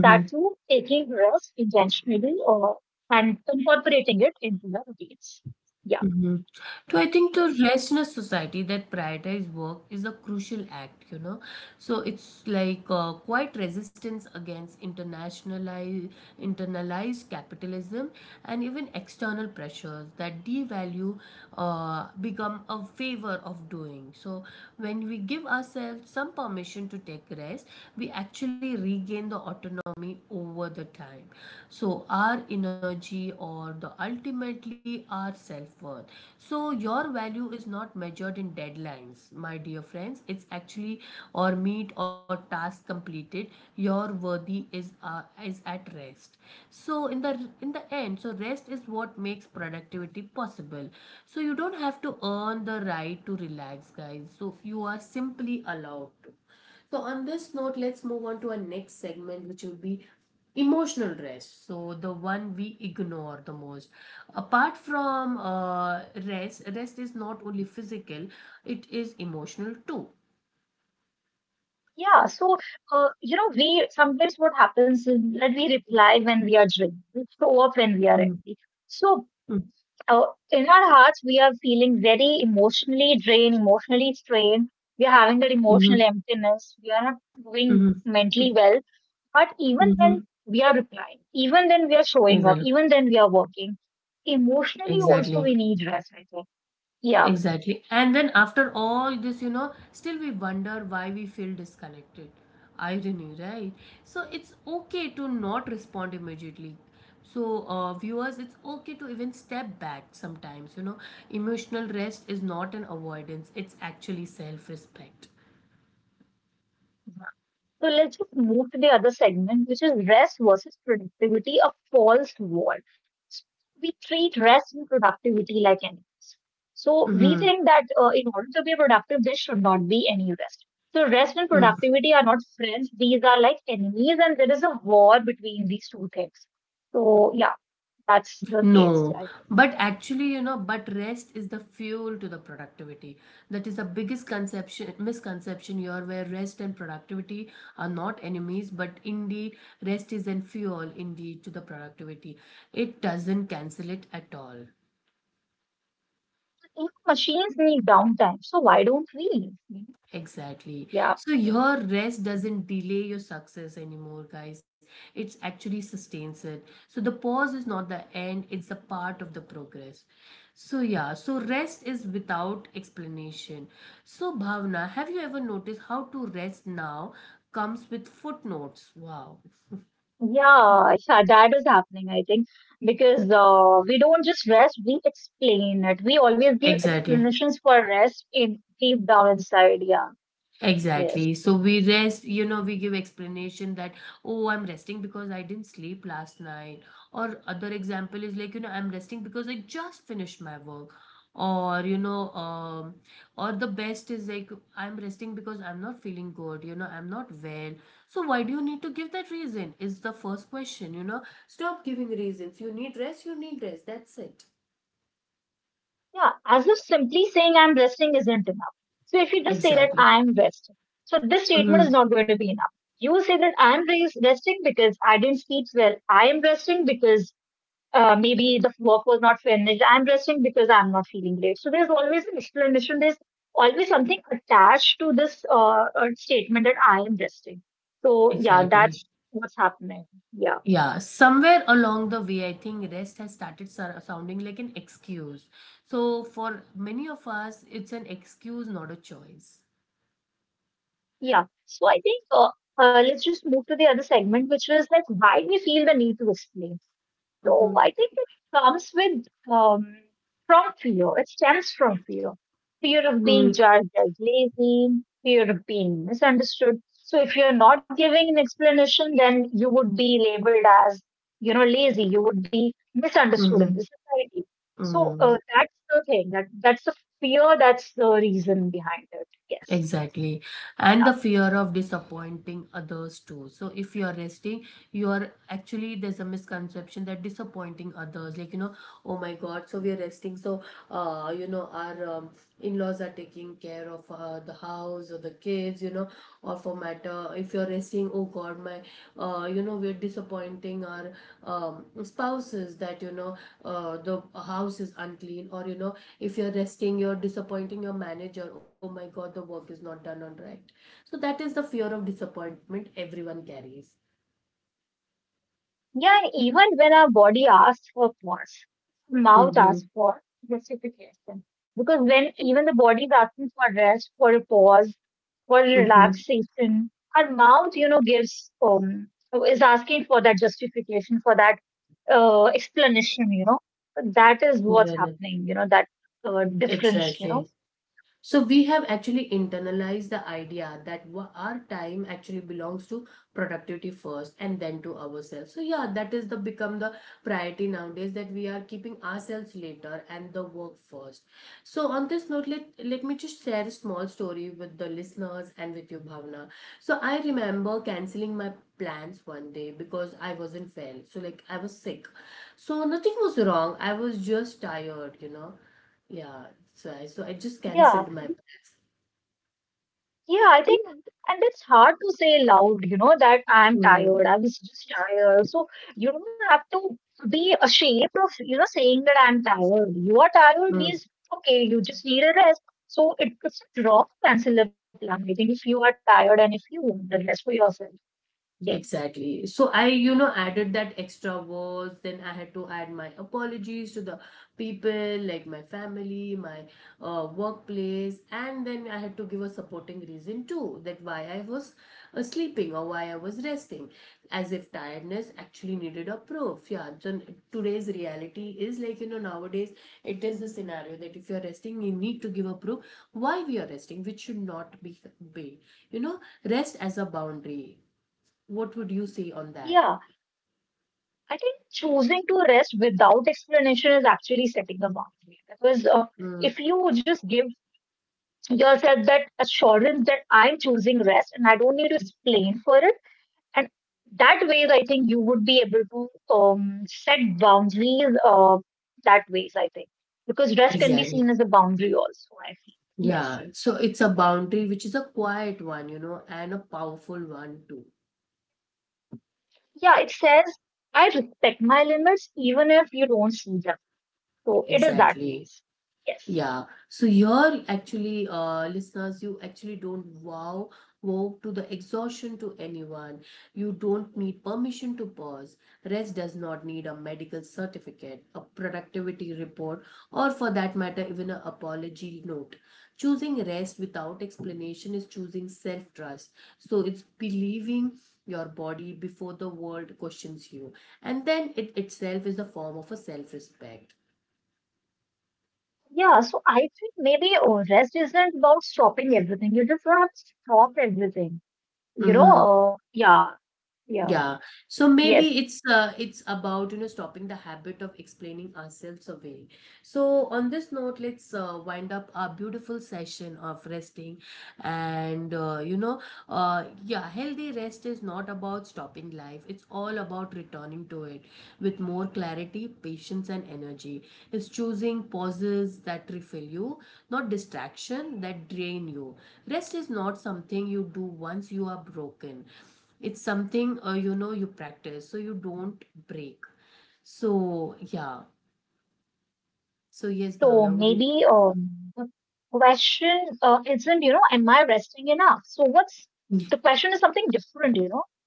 Speaker 2: That too, taking rest intentionally or and incorporating it into your routines. Yeah,
Speaker 1: Mhm. So I think the
Speaker 2: yes.
Speaker 1: rest in a society that prioritize work is a crucial act, you know. So it's like, quite resistance against internalized capitalism, and even external pressures that devalue, become a favor of doing. So when we give ourselves some permission to take rest, we actually regain the autonomy over the time, so our energy, or the ultimately our self-worth. So your value is not measured in deadlines, my dear friends, it's actually, or meet, or task completed. Your worthy is at rest. So in the end, so rest is what makes productivity possible. So you don't have to earn the right to relax, guys. So you are simply allowed to. So, on this note, let's move on to our next segment, which would be emotional rest. So, the one we ignore the most. Apart from rest, rest is not only physical, it is emotional too.
Speaker 2: Yeah, so, you know, we sometimes what happens is that we reply when we are drained, we show up when we are
Speaker 1: Mm-hmm.
Speaker 2: empty. So, in our hearts, we are feeling very emotionally drained, emotionally strained. We are having that
Speaker 1: Mm-hmm.
Speaker 2: emotional emptiness. We are not doing mentally well. But even
Speaker 1: Mm-hmm.
Speaker 2: when we are replying, even then we are showing up,
Speaker 1: Exactly.
Speaker 2: even then we are working, emotionally also
Speaker 1: Exactly.
Speaker 2: we need rest, I think. Yeah.
Speaker 1: Exactly. And then, after all this, you know, still we wonder why we feel disconnected. Irony, right? So it's okay to not respond immediately. So, viewers, it's okay to even step back sometimes. You know, emotional rest is not an avoidance, it's actually self respect.
Speaker 2: So let's just move to the other segment, which is rest versus productivity, a false wall. We treat rest and productivity like enemies. So we
Speaker 1: Mm-hmm.
Speaker 2: think that in order to be productive, there should not be any rest. So rest and productivity are not friends; these are like enemies, and there is a war between these two things. So yeah, that's the case.
Speaker 1: No, but actually, you know, but rest is the fuel to the productivity. That is the biggest misconception here, where rest and productivity are not enemies, but indeed, rest is an fuel indeed to the productivity. It doesn't cancel it at all.
Speaker 2: Even machines need downtime, so why don't we?
Speaker 1: Exactly.
Speaker 2: Yeah,
Speaker 1: So your rest doesn't delay your success anymore, guys. It's actually sustains it. So the pause is not the end, it's a part of the progress. So yeah, so rest is without explanation. So Bhavna, have you ever noticed how to rest now comes with footnotes? Wow.
Speaker 2: yeah, yeah, that is happening, I think, because we don't just rest, we explain it. We always give
Speaker 1: Exactly.
Speaker 2: explanations for rest in deep down inside. Yeah, yes,
Speaker 1: Exactly. So we rest, you know, we give explanation that, oh, I'm resting because I didn't sleep last night. Or other example is like, you know, I'm resting because I just finished my work. Or, you know, or the best is like, I'm resting because I'm not feeling good, you know, I'm not well. So why do you need to give that reason? Is the first question, you know. Stop giving reasons. You need rest, you need rest. That's it.
Speaker 2: yeah, as if simply saying I'm resting isn't enough. So if you just say that
Speaker 1: Exactly.
Speaker 2: I'm resting, so this statement is
Speaker 1: Mm-hmm.
Speaker 2: not going to be enough. You say that resting because I didn't sleep well. I am resting because maybe the work was not finished. I'm resting because I'm not feeling great. So there's always an explanation. There's always something attached to this statement that I am resting. So yeah, that's
Speaker 1: Exactly.
Speaker 2: what's happening. Yeah,
Speaker 1: Yeah, somewhere along the way, I think rest has started sounding like an excuse. So, for many of us, it's an excuse, not a choice.
Speaker 2: yeah. So I think let's just move to the other segment, which is like why we feel the need to explain. So I think it comes with from fear. It stems from fear. Fear of being
Speaker 1: Mm-hmm.
Speaker 2: judged as lazy, fear of being misunderstood. So if you're not giving an explanation, then you would be labeled as, you know, lazy. You would be misunderstood in the society. So
Speaker 1: Mm-hmm.
Speaker 2: that's the thing. That's the fear. That's the reason behind it. Yes.
Speaker 1: Exactly. And the
Speaker 2: Yeah.
Speaker 1: fear of disappointing others too. So, if you are resting, you are actually, there's a misconception that disappointing others, like, you know, oh my God, so we are resting. So, you know, our in laws are taking care of the house or the kids, you know, or for matter, if you're resting, oh god, my, you know, we're disappointing our spouses, that, you know, the house is unclean, or, you know, if you're resting, you're disappointing your manager, oh my god, the work is not done on right. So that is the fear of disappointment everyone carries.
Speaker 2: Yeah, and even when our body asks for pause, mouth
Speaker 1: Mm-hmm.
Speaker 2: asks for justification. Because when
Speaker 1: Ex-
Speaker 2: even the body is asking for rest, for a pause, for
Speaker 1: Mm-hmm.
Speaker 2: relaxation, our mouth, you know, gives um is asking for that justification, for that explanation, you know. So that is what's happening, you know, that difference, you know.
Speaker 1: Exactly. So we have actually internalized the idea that our time actually belongs to productivity first, and then to ourselves. So yeah, that is the become the priority nowadays, that we are keeping ourselves later and the work first. So on this note, let me just share a small story with the listeners and with you, Bhavna. So I remember canceling my plans one day because I wasn't well. So, like, I was sick. So nothing was wrong. I was just tired, you know. Yeah, so I, just cancelled my
Speaker 2: Yeah.
Speaker 1: plans.
Speaker 2: Yeah, I think, and it's hard to say loud, you know, that I'm
Speaker 1: Mm.
Speaker 2: tired. I was just tired. So you don't have to be ashamed of, you know, saying that I'm tired. You are tired means
Speaker 1: Mm.
Speaker 2: okay, you just need a rest. So it's a draw to cancel a plan. I think if you are tired and if you want the rest for yourself, then
Speaker 1: Exactly. So I, you know, added that extra words. Then I had to add my apologies to the people, like my family, my workplace, and then I had to give a supporting reason too, that why I was sleeping, or why I was resting, as if tiredness actually needed a proof. Yeah. So today's reality is, like, you know, nowadays it is a scenario that if you are resting, you need to give a proof why we are resting, which should not be be you know, rest as a boundary. What would you say on that?
Speaker 2: yeah, I think choosing to rest without explanation is actually setting a boundary because
Speaker 1: Mm.
Speaker 2: if you just give yourself that assurance that I'm choosing rest and I don't need to explain for it. And that ways, I think you would be able to set boundaries that ways, I think, because rest can be seen as
Speaker 1: Exactly.
Speaker 2: a boundary also, I feel. Yes.
Speaker 1: Yeah. So it's a boundary which is a quiet one, you know, and a powerful one too.
Speaker 2: Yeah, it says, I respect my limits even if you don't see them. So it is that
Speaker 1: Exactly.
Speaker 2: ways. Yes.
Speaker 1: Yeah. So you're actually, listeners, you actually don't wow, wow to the exhaustion to anyone. You don't need permission to pause. Rest does not need a medical certificate, a productivity report, or, for that matter, even an apology note. Choosing rest without explanation is choosing self-trust. So it's believing your body before the world questions you. And then it itself is a form of a self-respect.
Speaker 2: Yeah, so I think maybe rest isn't about stopping everything. You just don't have to stop everything. You know,
Speaker 1: Mm-hmm.
Speaker 2: yeah, yeah.
Speaker 1: Yeah. So maybe
Speaker 2: Yes.
Speaker 1: it's about, you know, stopping the habit of explaining ourselves away. So on this note, let's wind up our beautiful session of resting, and you know, yeah, healthy rest is not about stopping life. It's all about returning to it with more clarity, patience, and energy. It's choosing pauses that refill you, not distraction that drain you. Rest is not something you do once you are broken. It's something, you know, you practice, so you don't break. So yeah.
Speaker 2: Yeah,
Speaker 1: So yes,
Speaker 2: so
Speaker 1: Bhavna, would you?
Speaker 2: maybe the question isn't, you know, am I resting enough? So what's the question is something different, you know?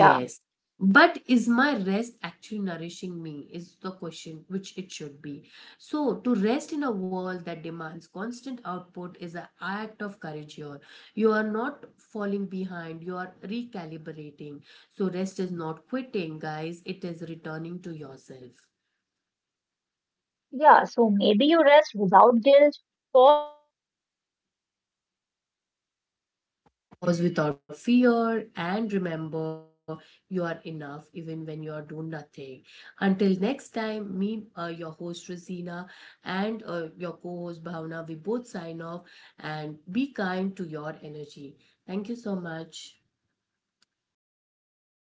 Speaker 2: Yeah,
Speaker 1: But is my rest actually nourishing me? Is the question which it should be. So, to rest in a world that demands constant output is an act of courage here. You are not falling behind, you are recalibrating. So, rest is not quitting, guys, it is returning to yourself.
Speaker 2: yeah. So maybe you rest without guilt, pause without fear, and remember, you are enough even when you do
Speaker 1: Pause
Speaker 2: nothing.
Speaker 1: without fear,
Speaker 2: Yes,
Speaker 1: and remember, you are enough even when you are doing nothing. Until next time, me, your host Rosina, and your co-host Bhavna, we both sign off, and be kind to your energy. Thank you so much.
Speaker 2: yes.